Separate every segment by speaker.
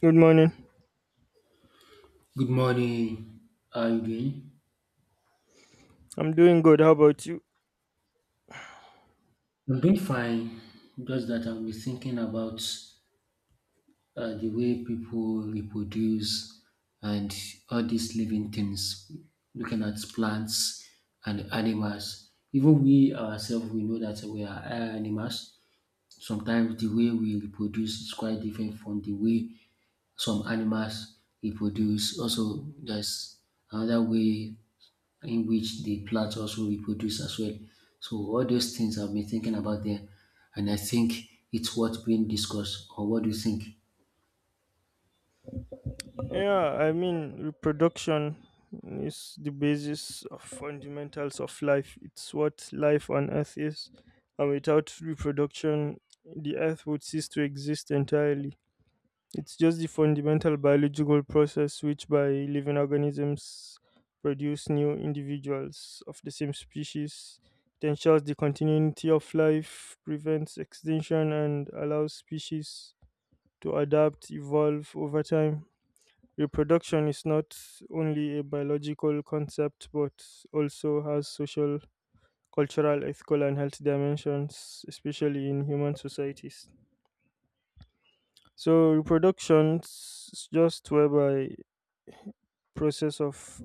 Speaker 1: Good morning.
Speaker 2: Good morning. How are you doing?
Speaker 1: I'm doing good. How about you?
Speaker 2: I'm doing fine. Just that I've been thinking about the way people reproduce and all these living things, looking at plants and animals. Even we ourselves, we know that we are animals. Sometimes the way we reproduce is quite different from the way some animals reproduce. Also, there's another way in which the plant also reproduce as well. So all those things I've been thinking about there, and I think it's worth being discussed. Or what do you think?
Speaker 1: Yeah, I mean, reproduction is the basis of fundamentals of life. It's what life on Earth is. And without reproduction, the earth would cease to exist entirely. It's just the fundamental biological process which, by living organisms, produce new individuals of the same species. It ensures the continuity of life, prevents extinction, and allows species to adapt, evolve over time. Reproduction is not only a biological concept but also has social, cultural, ethical, and health dimensions, especially in human societies. So, reproduction is just whereby process of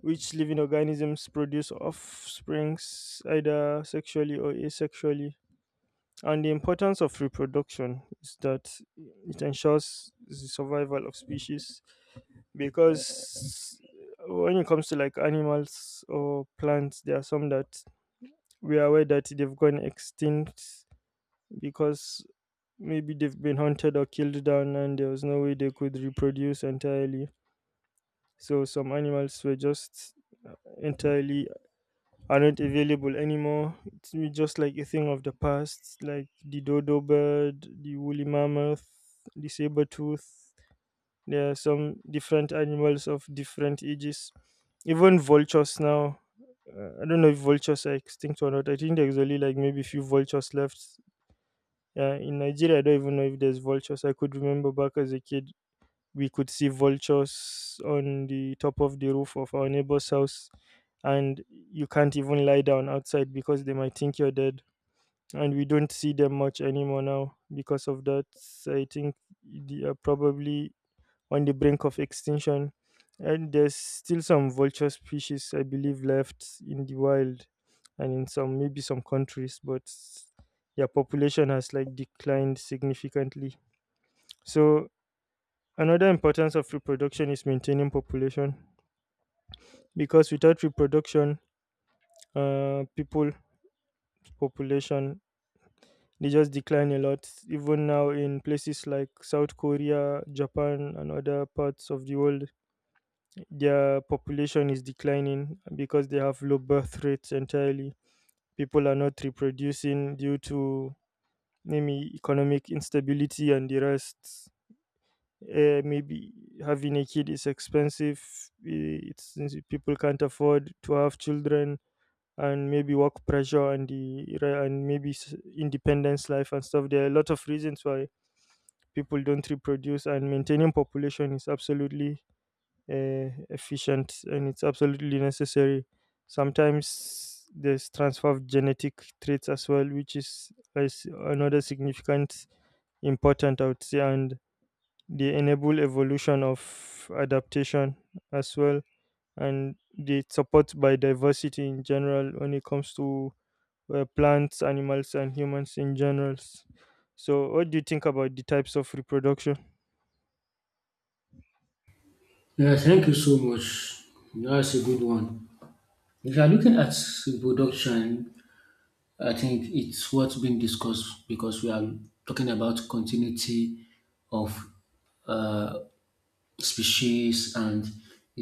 Speaker 1: which living organisms produce offsprings either sexually or asexually. And the importance of reproduction is that it ensures the survival of species, because when it comes to like animals or plants, there are some that we are aware that they've gone extinct because maybe they've been hunted or killed down, and there was no way they could reproduce entirely. So some animals were just entirely are not available anymore. It's just like a thing of the past, like the dodo bird, the woolly mammoth, the saber tooth. There are some different animals of different ages. Even vultures now. I don't know if vultures are extinct or not. I think there's only like maybe a few vultures left. In Nigeria, I don't even know if there's vultures. I could remember back as a kid, we could see vultures on the top of the roof of our neighbor's house, and you can't even lie down outside because they might think you're dead. And we don't see them much anymore now because of that. I think they are probably on the brink of extinction, and there's still some vulture species I believe left in the wild and in some, maybe some, countries, but their population has like declined significantly. So another importance of reproduction is maintaining population, because without reproduction, people population they just decline a lot. Even now in places like South Korea, Japan, and other parts of the world, their population is declining because they have low birth rates entirely. People are not reproducing due to maybe economic instability and the rest. Maybe having a kid is expensive. Eh, It's People can't afford to have children, and maybe work pressure and the re- and maybe s- independence life and stuff. There are a lot of reasons why people don't reproduce, and maintaining population is absolutely efficient, and it's absolutely necessary. Sometimes there's transfer of genetic traits as well, which is another significant important, I would say, and they enable evolution of adaptation as well, and they support biodiversity in general when it comes to plants, animals, and humans in general. So, what do you think about the types of reproduction?
Speaker 2: Yeah, thank you so much. That's a good one. If you are looking at reproduction, I think it's what's being discussed because we are talking about continuity of species and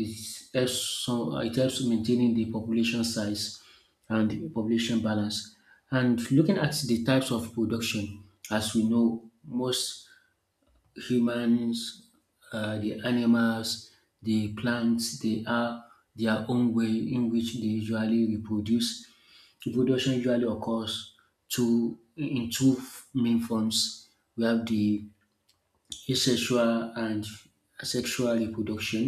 Speaker 2: it helps so it helps maintaining the population size and the population balance. And looking at the types of production, as we know, most humans, the animals, the plants, they are their own way in which they usually reproduce. Reproduction usually occurs two main forms. We have the asexual and asexual reproduction.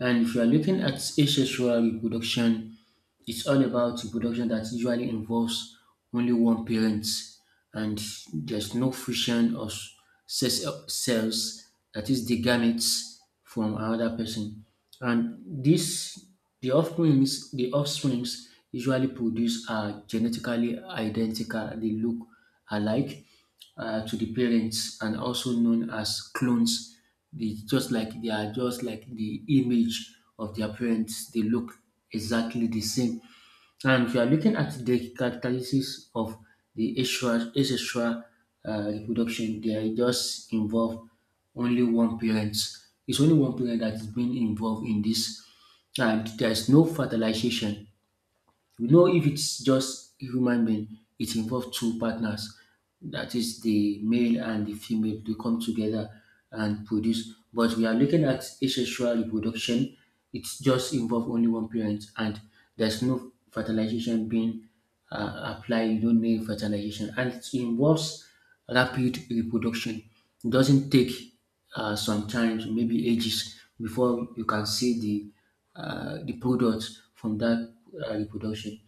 Speaker 2: And if you are looking at asexual reproduction, it's all about a production that usually involves only one parent and there's no friction or cells sells that is the gametes from another person. And this the offsprings usually produced are genetically identical. They look alike to the parents and also known as clones. They are just like the image of their parents. They look exactly the same. And if you are looking at the characteristics of the asexual reproduction, they are just involved only one parent. It's only one parent that is being involved in this, and there is no fertilization. You know, if it's just a human being, it involves two partners, that is the male and the female, they come together and produce. But we are looking at asexual reproduction, it just involves only one parent and there's no fertilization being apply, you don't need fertilization, and it involves rapid reproduction. It doesn't take sometimes maybe ages before you can see the product from that reproduction.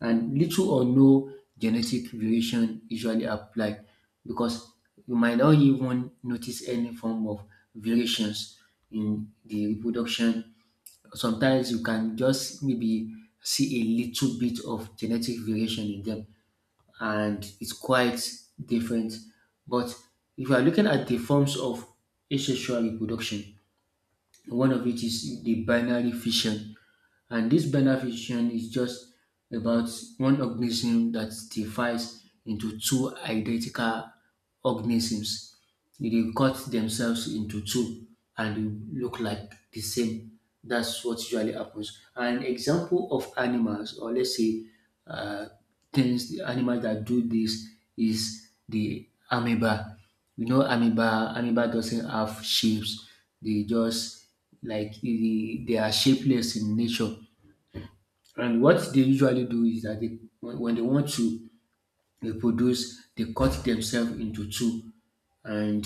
Speaker 2: And little or no genetic variation usually apply because you might not even notice any form of variations in the reproduction. Sometimes you can just maybe see a little bit of genetic variation in them, and it's quite different. But if you are looking at the forms of asexual reproduction, one of it is the binary fission, and this binary fission is just about one organism that divides into two identical organisms. They cut themselves into two and they look like the same. That's what usually happens. An example of animals, or let's say uh, things, the animals that do this is the amoeba. You know, amoeba doesn't have shapes. They just like they are shapeless in nature. And what they usually do is that they, when they want to reproduce, they cut themselves into two and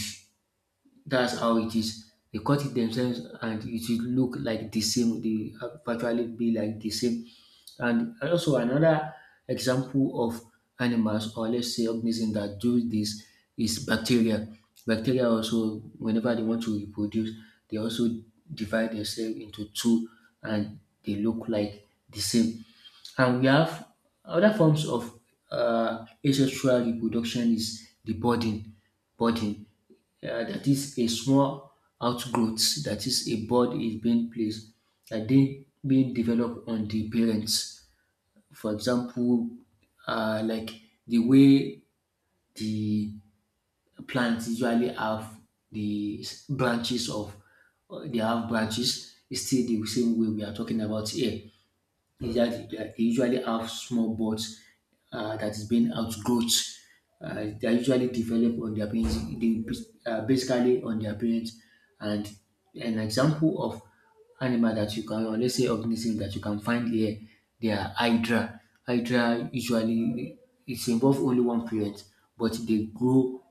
Speaker 2: that's how it is. They cut it themselves, and it will look like the same. They actually be like the same. And also another example of animals, or let's say organisms that do this, is bacteria. Bacteria also, whenever they want to reproduce, they also divide themselves into two, and they look like the same. And we have other forms of asexual reproduction is the budding. Budding that is a small outgrowth, that is a board is being placed and then being developed on the parents. For example, like the way the plants usually have the branches of, they have branches, it's still the same way we are talking about here. Usually, they usually have small buds that is being outgrowth. They are usually developed on their parents, they, basically on their parents. And an example of animal that you can, or let's say organism that you can find here, they are hydra. Hydra usually it's involve only one parent, but they grow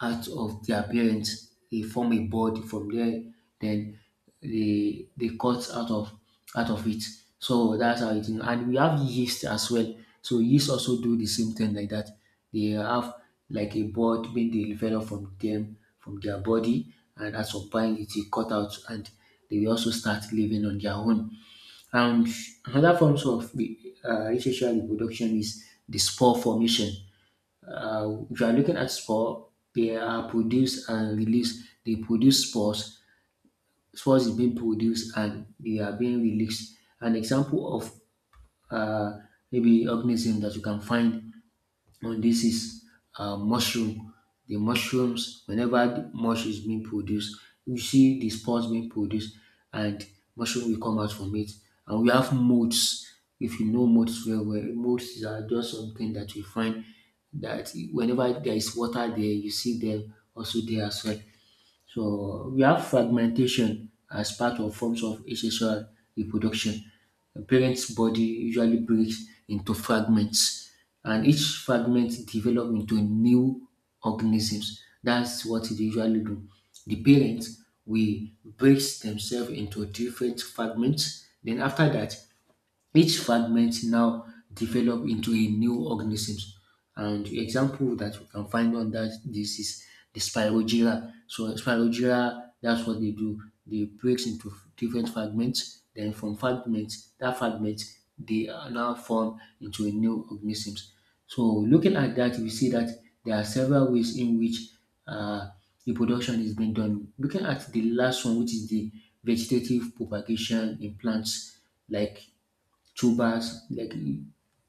Speaker 2: out of their parents. They form a body from there, then they cut out of it. So that's how it is. And we have yeast as well. So yeast also do the same thing like that. They have like a board being developed from them, from their body, and at some point it is cut out and they will also start living on their own. And another forms of the asexual reproduction is the spore formation. If you are looking at spore, they are produced and released. They produce spores. Spores is being produced and they are being released. An example of uh, maybe organism that you can find and this is mushroom. The mushrooms, whenever the mushroom is being produced, you see the spores being produced, and mushroom will come out from it. And we have molds. If you know molds very well, molds are just something that you find that whenever there is water there, you see them also there as well. So we have fragmentation as part of forms of asexual reproduction. A parent's body usually breaks into fragments, and each fragment develops into new organisms. That's what they usually do. The parents will break themselves into different fragments. Then after that, each fragment now develop into a new organism. And the example that we can find on that this is the spirogyra. So spirogyra, that's what they do. They break into different fragments. Then from fragments, that fragment, they are now form into a new organisms. So looking at that, we see that there are several ways in which uh, reproduction is being done. Looking at the last one, which is the vegetative propagation in plants, like two bars,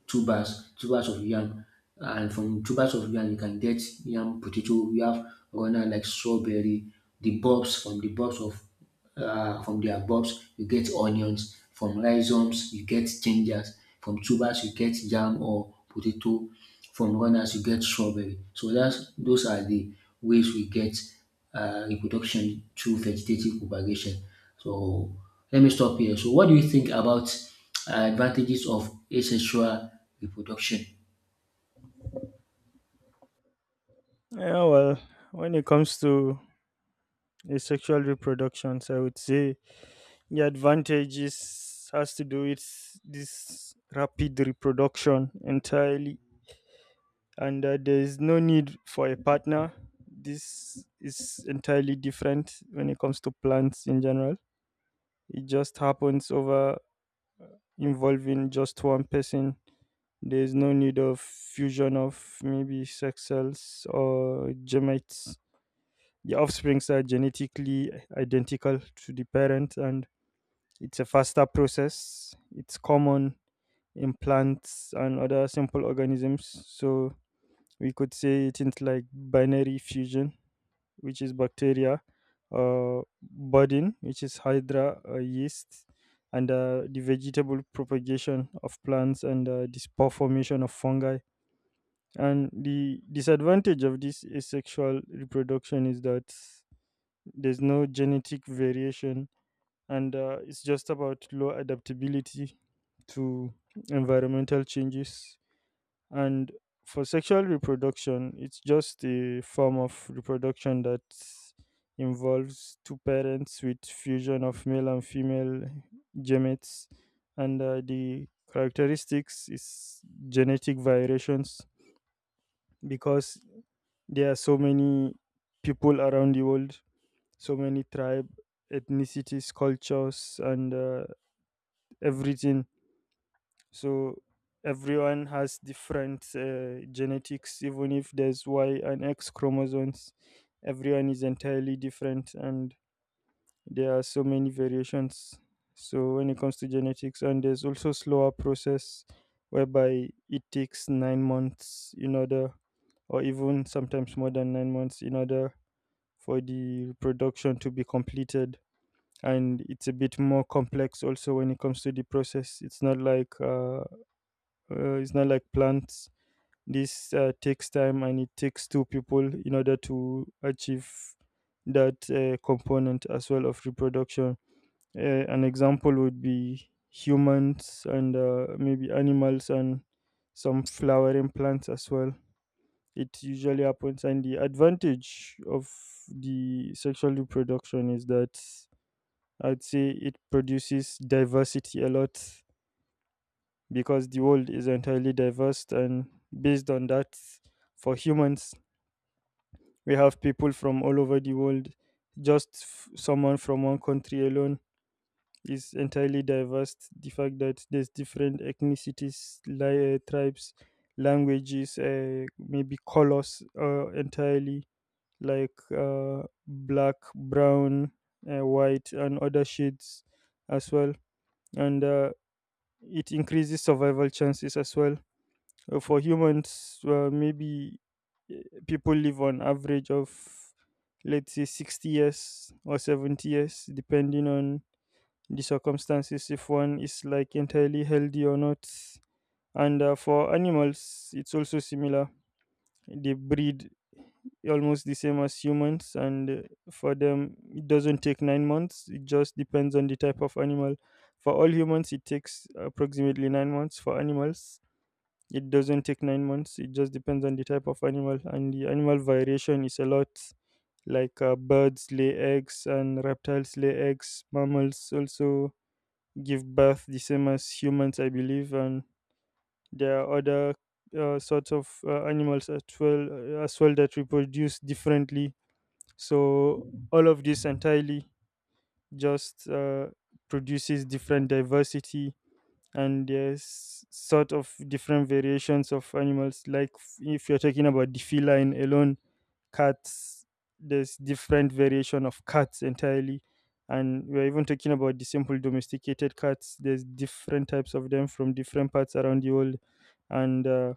Speaker 2: two bars of yam. And from two bars of yam, you can get yam potato. We have runner like strawberry, the bulbs of from their bulbs, you get onions. From rhizomes, you get gingers. From tubers, you get yam or potato. From runners, you get strawberry. So that's those are the ways we get reproduction through vegetative propagation. So let me stop here. So what do you think about advantages of asexual reproduction?
Speaker 1: Yeah, well, when it comes to asexual reproductions, I would say the advantages has to do with this rapid reproduction entirely, and there is no need for a partner. This is entirely different when it comes to plants in general. It just happens over involving just one person. There is no need of fusion of maybe sex cells or gametes. The offsprings are genetically identical to the parent, and it's a faster process. It's common in plants and other simple organisms. So we could say it is like binary fusion, which is bacteria, budding, which is hydra, yeast, and the vegetable propagation of plants, and the spore formation of fungi. And the disadvantage of this asexual reproduction is that there's no genetic variation, and it's just about low adaptability to environmental changes. And for sexual reproduction, it's just a form of reproduction that involves two parents with fusion of male and female gametes. And the characteristics is genetic variations, because there are so many people around the world, so many tribe, ethnicities, cultures, and everything. So everyone has different genetics, even if there's Y and X chromosomes. Everyone is entirely different, and there are so many variations. So when it comes to genetics, and there's also slower process whereby it takes 9 months in order, or even sometimes more than 9 months in order, for the reproduction to be completed. And it's a bit more complex also when it comes to the process. It's not like plants. This takes time, and it takes two people in order to achieve that component as well of reproduction. Uh, an example would be humans and maybe animals and some flowering plants as well. It usually happens, and the advantage of the sexual reproduction is that I'd say it produces diversity a lot, because the world is entirely diverse. And based on that, for humans, we have people from all over the world. Just someone from one country alone is entirely diverse. The fact that there's different ethnicities, tribes, languages, maybe colors, entirely, like black, brown, white, and other shades as well. And it increases survival chances as well. For humans, maybe uh, people live on average of, let's say, 60 years or 70 years, depending on the circumstances, if one is like entirely healthy or not. And for animals, it's also similar. They breed almost the same as humans, and for them, it doesn't take 9 months. It just depends on the type of animal. For all humans, it takes approximately 9 months. For animals, it doesn't take 9 months. It just depends on the type of animal, and the animal variation is a lot. Like birds lay eggs, and reptiles lay eggs. Mammals also give birth the same as humans, I believe, and there are other sorts of animals as well that reproduce differently. So all of this entirely just produces different diversity, and there's sort of different variations of animals, like, if you're talking about the feline alone, cats, there's different variation of cats entirely. And we're even talking about the simple domesticated cats, there's different types of them from different parts around the world. And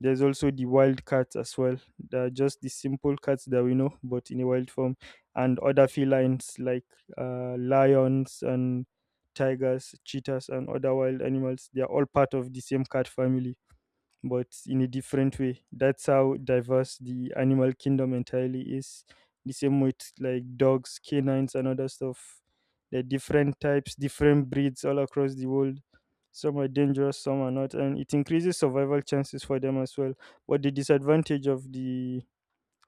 Speaker 1: there's also the wild cats as well. They're just the simple cats that we know, but in a wild form. And other felines like lions and tigers, cheetahs, and other wild animals, they are all part of the same cat family, but in a different way. That's how diverse the animal kingdom entirely is. The same with like dogs, canines, and other stuff. There are different types, different breeds all across the world. Some are dangerous, some are not, and it increases survival chances for them as well. But the disadvantage of the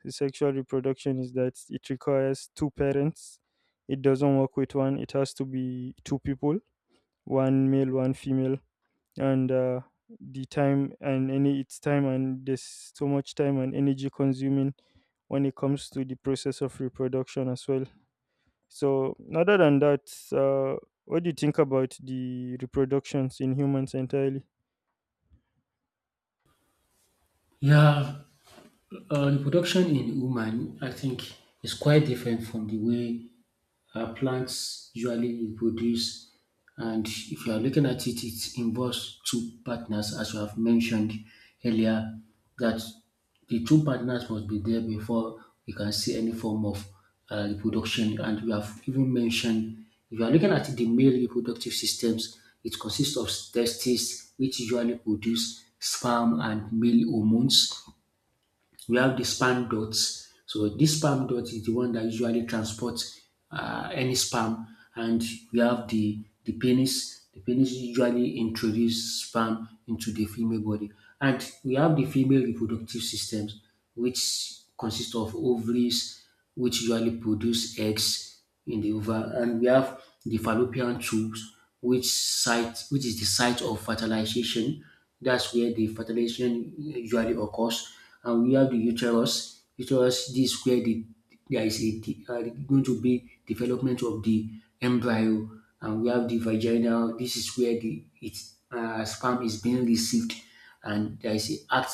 Speaker 1: sexual reproduction is that it requires two parents. It doesn't work with one. It has to be two people, one male, one female, and the time and any its time, and there's so much time and energy consuming when it comes to the process of reproduction as well. So other than that, uh, what do you think about the reproductions in humans entirely?
Speaker 2: Yeah, reproduction in woman, I think, is quite different from the way plants usually produce. And if you are looking at it, it involves two partners, as you have mentioned earlier, that the two partners must be there before we can see any form of reproduction. And we have even mentioned, if you are looking at the male reproductive systems, it consists of testes, which usually produce sperm and male hormones. We have the spam dots. So this spam dot is the one that usually transports any spam, and we have the penis. The penis usually introduces sperm into the female body, and we have the female reproductive systems, which consist of ovaries, which usually produce eggs in the ova, and we have the fallopian tubes, which is the site of fertilization, that's where the fertilization usually occurs. And we have the uterus. Uterus, this is where the there is a, de- going to be development of the embryo, and we have the vagina. This is where the its sperm is being received, and there is a act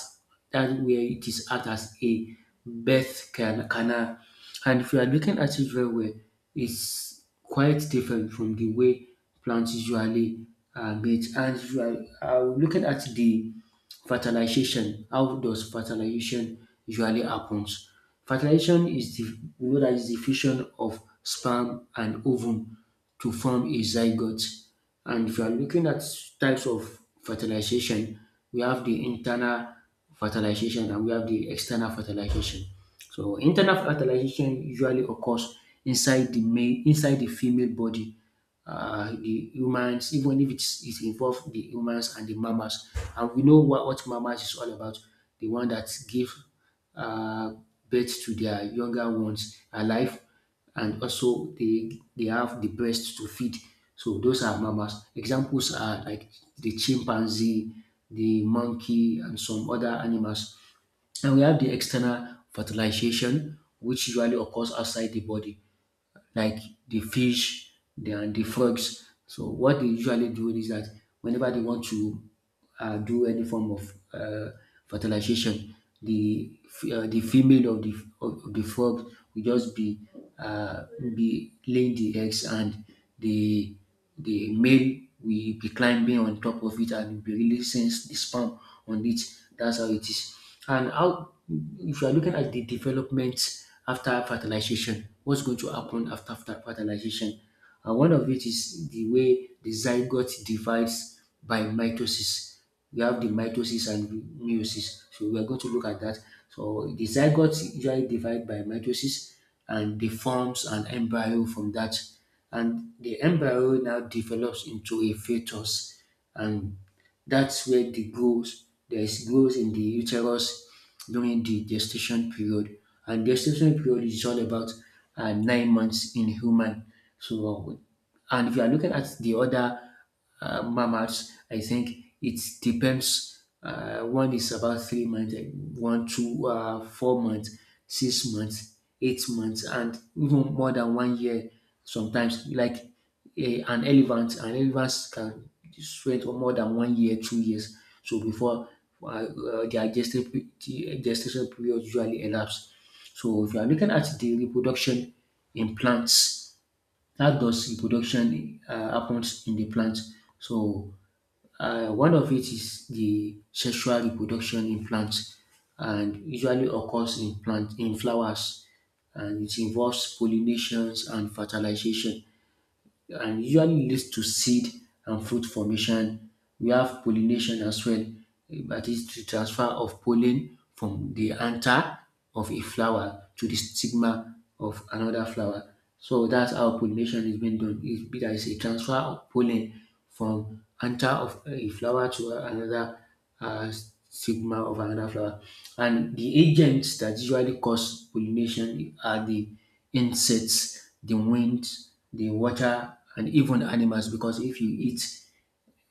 Speaker 2: that where it is act as a canal. And if you are looking at it very well, it's is quite different from the way plants usually mate. And you are looking at the fertilization. How does fertilization usually happens? Fertilization is the we know that is the fusion of sperm and ovum to form a zygote. And if you are looking at types of fertilization, we have the internal fertilization and we have the external fertilization. So internal fertilization usually occurs inside the female body. The humans, even if it's it involves the humans and the mammals, and we know what mammals is all about, the one that give uh, birth to their younger ones alive and also they have the breast to feed. So those are mammals. Examples are like the chimpanzee, the monkey, and some other animals. And we have the external fertilization, which usually occurs outside the body like the fish and the frogs. So what they usually do is that whenever they want to do any form of fertilization, the female of the frog will just uh, be laying the eggs, and the the male will be climbing on top of it and will be releasing the sperm on it. That's how it is. And how, if you are looking at the development after fertilization, what's going to happen after fertilization? And one of it is the way the zygote divides by mitosis. We have the mitosis and meiosis. So we are going to look at that. So the zygote usually divide by mitosis and they forms an embryo from that, and the embryo now develops into a fetus, and that's where the growth, there is growth in the uterus during the gestation period. And gestation period is all about 9 months in human. So, and if you are looking at the other mammals, I think it depends. One is about 3 months, one, two, 4 months, 6 months, 8 months, and even more than one year sometimes. Like an elephant can sweat for more than one year, 2 years. So before their the gestation period usually elapse. So if you are looking at the reproduction in plants, how does reproduction happens in the plant? So one of it is the sexual reproduction in plants, and usually occurs in plant in flowers, and it involves pollinations and fertilization and usually leads to seed and fruit formation. We have pollination as well, eh, that is the transfer of pollen from the anther of a flower to the stigma of another flower. So that's how pollination is being done. It's a transfer of pollen from anther of a flower to another uh, stigma of another flower. And the agents that usually cause pollination are the insects, the wind, the water, and even animals. Because if you eat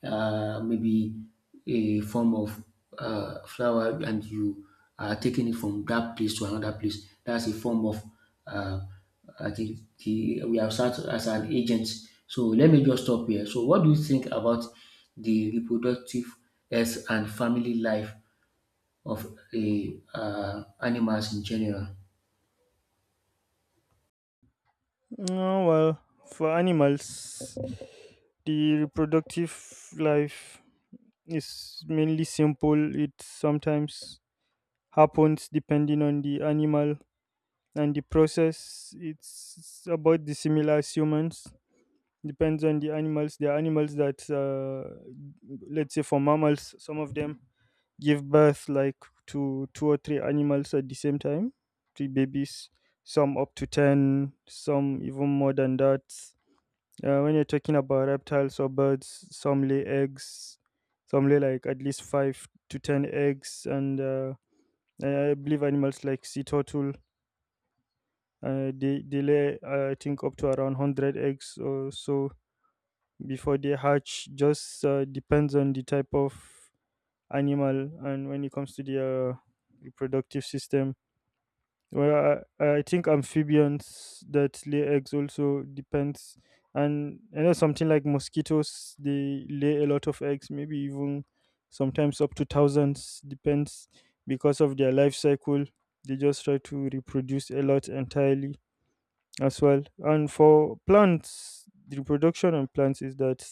Speaker 2: maybe a form of flower and you are taking it from that place to another place, that's a form of uh, I think we have served as an agent. So let me just stop here. So what do you think about the reproductive health and family life of the animals in general?
Speaker 1: No, well, for animals, the reproductive life, it's mainly simple. It sometimes happens depending on the animal and the process. It's about the similar as humans. Depends on the animals. There are animals that, let's say, for mammals, some of them give birth like to two or three animals at the same time, three babies. Some up to 10. Some even more than that. When you're talking about reptiles or birds, some lay eggs, some lay like at least 5 to 10 eggs, and I believe animals like sea turtle, they lay I think up to around 100 eggs or so before they hatch. Just depends on the type of animal and when it comes to their reproductive system. Well, I think amphibians that lay eggs also depends, and I know something like mosquitoes, they lay a lot of eggs, maybe even sometimes up to thousands, depends, because of their life cycle. They just try to reproduce a lot entirely as well. And for plants, the reproduction on plants is that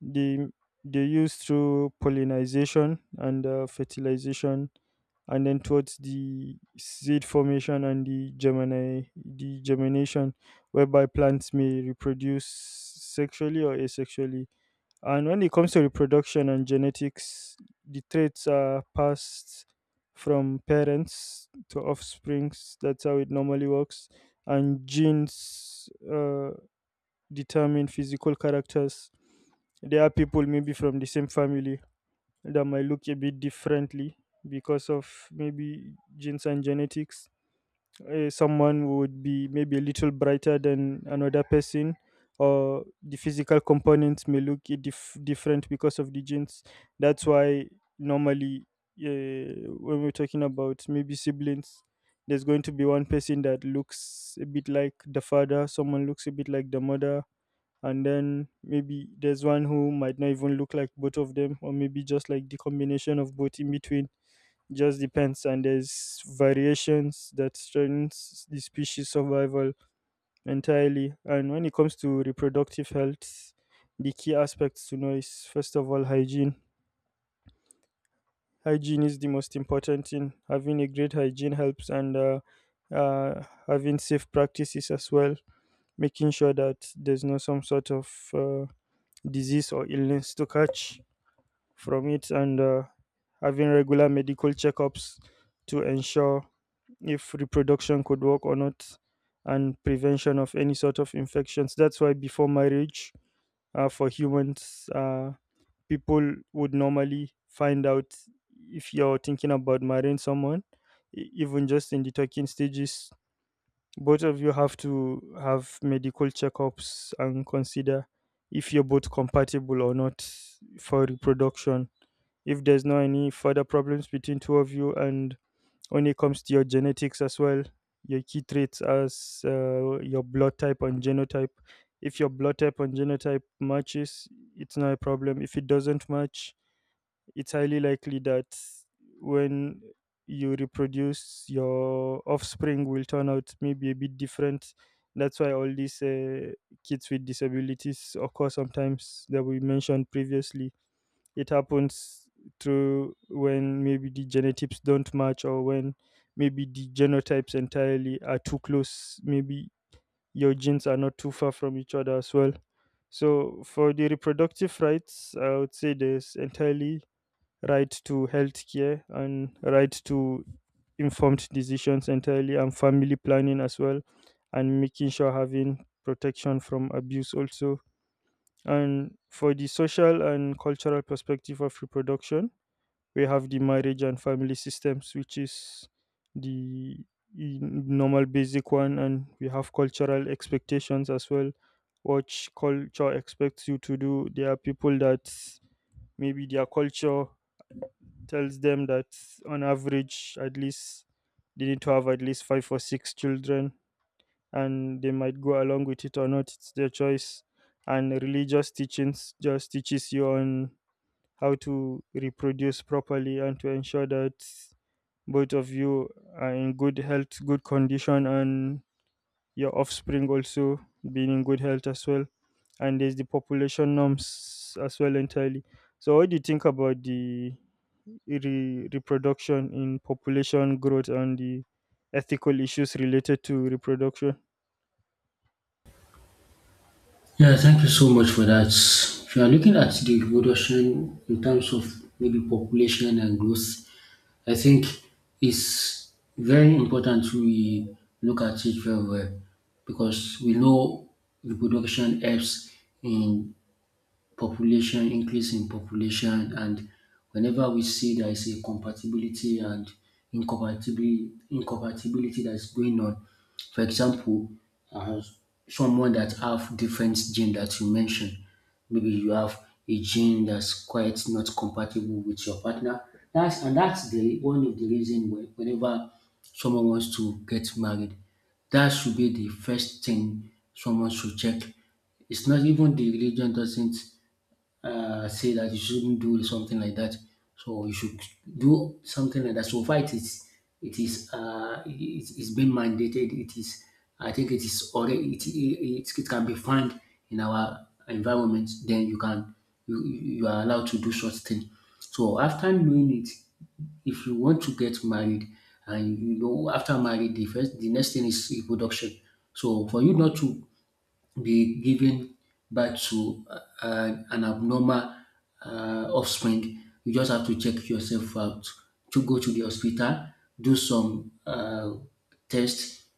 Speaker 1: they they use through pollination and fertilization, and then towards the seed formation and the germination, whereby plants may reproduce sexually or asexually. And when it comes to reproduction and genetics, the traits are passed from parents to offsprings. That's how it normally works, and genes determine physical characters. There are people maybe from the same family that might look a bit differently because of maybe genes and genetics. Someone would be maybe a little brighter than another person, or the physical components may look different because of the genes. That's why normally, when we're talking about maybe siblings, there's going to be one person that looks a bit like the father, someone looks a bit like the mother, and then maybe there's one who might not even look like both of them, or maybe just like the combination of both in between. Just depends. And there's variations that strengthens the species survival entirely. And when it comes to reproductive health, the key aspects to know is, first of all, hygiene. Hygiene is the most important thing. Having a great hygiene helps, and having safe practices as well, making sure that there's no some sort of disease or illness to catch from it, and having regular medical checkups to ensure if reproduction could work or not, and prevention of any sort of infections. That's why before marriage, for humans, people would normally find out, if you're thinking about marrying someone, even just in the talking stages, both of you have to have medical checkups and consider if you're both compatible or not for reproduction. If there's no any further problems between two of you, and when it comes to your genetics as well, your key traits as your blood type and genotype. If your blood type and genotype matches, it's not a problem. If it doesn't match, it's highly likely that when you reproduce, your offspring will turn out maybe a bit different. That's why all these kids with disabilities occur sometimes, that we mentioned previously. It happens through when maybe the genetics don't match, or when maybe the genotypes entirely are too close. Maybe your genes are not too far from each other as well. So for the reproductive rights, I would say there's entirely right to healthcare and right to informed decisions entirely, and family planning as well, and making sure having protection from abuse also. And for the social and cultural perspective of reproduction, we have the marriage and family systems, which is the normal basic one, and we have cultural expectations as well. What culture expects you to do. There are people that maybe their culture tells them that on average at least they need to have at least five or six children, and they might go along with it or not. It's their choice. And religious teachings just teaches you on how to reproduce properly and to ensure that both of you are in good health, good condition, and your offspring also being in good health as well. And there's the population norms as well entirely. So what do you think about the reproduction in population growth and the ethical issues related to reproduction?
Speaker 2: Yeah, thank you so much for that. If you are looking at the reproduction in terms of maybe population and growth, I think it's very important we look at it very well because we know reproduction helps in population, increase in population, and whenever we see there is a compatibility and incompatibility that is going on, for example, uh, someone that have different gene that you mentioned, maybe you have a gene that's quite not compatible with your partner. That's the one of the reason why whenever someone wants to get married, that should be the first thing someone should check. It's not even the religion doesn't say that you shouldn't do something like that. So you should do something like that. So far, it is it is uh, it, it's been mandated. It is I think it is already it can be found in our environment. Then you can you are allowed to do such thing. So after knowing it, if you want to get married and you know after marriage the next thing is reproduction. So for you not to be giving birth to an abnormal offspring, you just have to check yourself out, to go to the hospital, do some tests,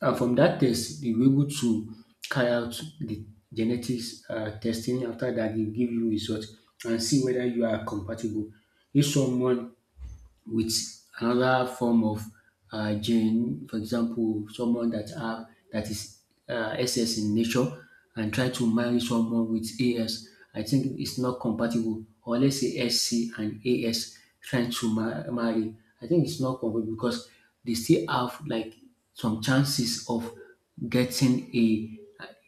Speaker 2: and from that test, they will be able to carry out the genetics testing. After that, they give you results and see whether you are compatible. If someone with another form of gene, for example, someone that have that is SS in nature and try to marry someone with AS, I think it's not compatible. Or let's say SC and AS trying to marry, I think it's not compatible because they still have like some chances of getting a.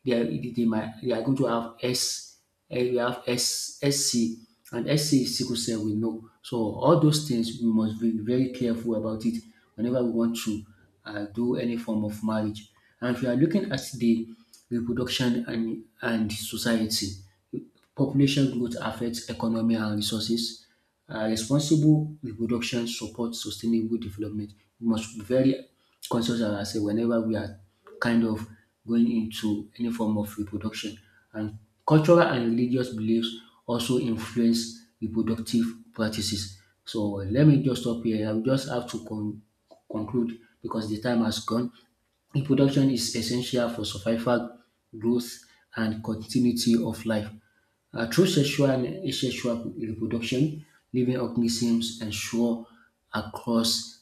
Speaker 2: They are, they might they are going to have S, and we have S, SC, and SC is sickle cell we know. So all those things we must be very careful about it whenever we want to do any form of marriage. And if you are looking at the reproduction and society, population growth affects economy and resources. Responsible reproduction supports sustainable development. We must be very conscious of ourselves whenever we are kind of going into any form of reproduction. And cultural and religious beliefs also influence reproductive practices. So let me just stop here. I'll just have to conclude because the time has gone. Reproduction is essential for survival, growth, and continuity of life. Through sexual and asexual reproduction, living organisms ensure across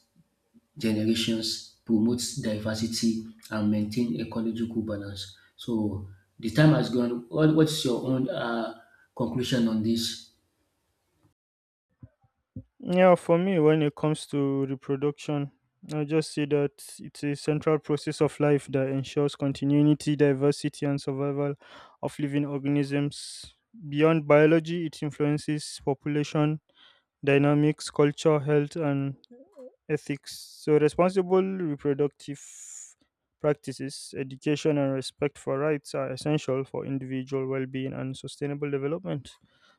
Speaker 2: generations, promotes diversity, and maintain ecological balance. So the time has gone. What's your own conclusion on this?
Speaker 1: Yeah, for me, when it comes to reproduction, I just say that it's a central process of life that ensures continuity, diversity, and survival of living organisms. Beyond biology, it influences population dynamics, culture, health, and ethics. So, responsible reproductive practices, education, and respect for rights are essential for individual well being and sustainable development.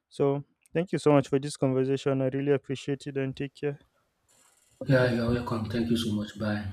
Speaker 1: So, thank you so much for this conversation. I really appreciate it and take care.
Speaker 2: Yeah, you're welcome. Thank you so much. Bye.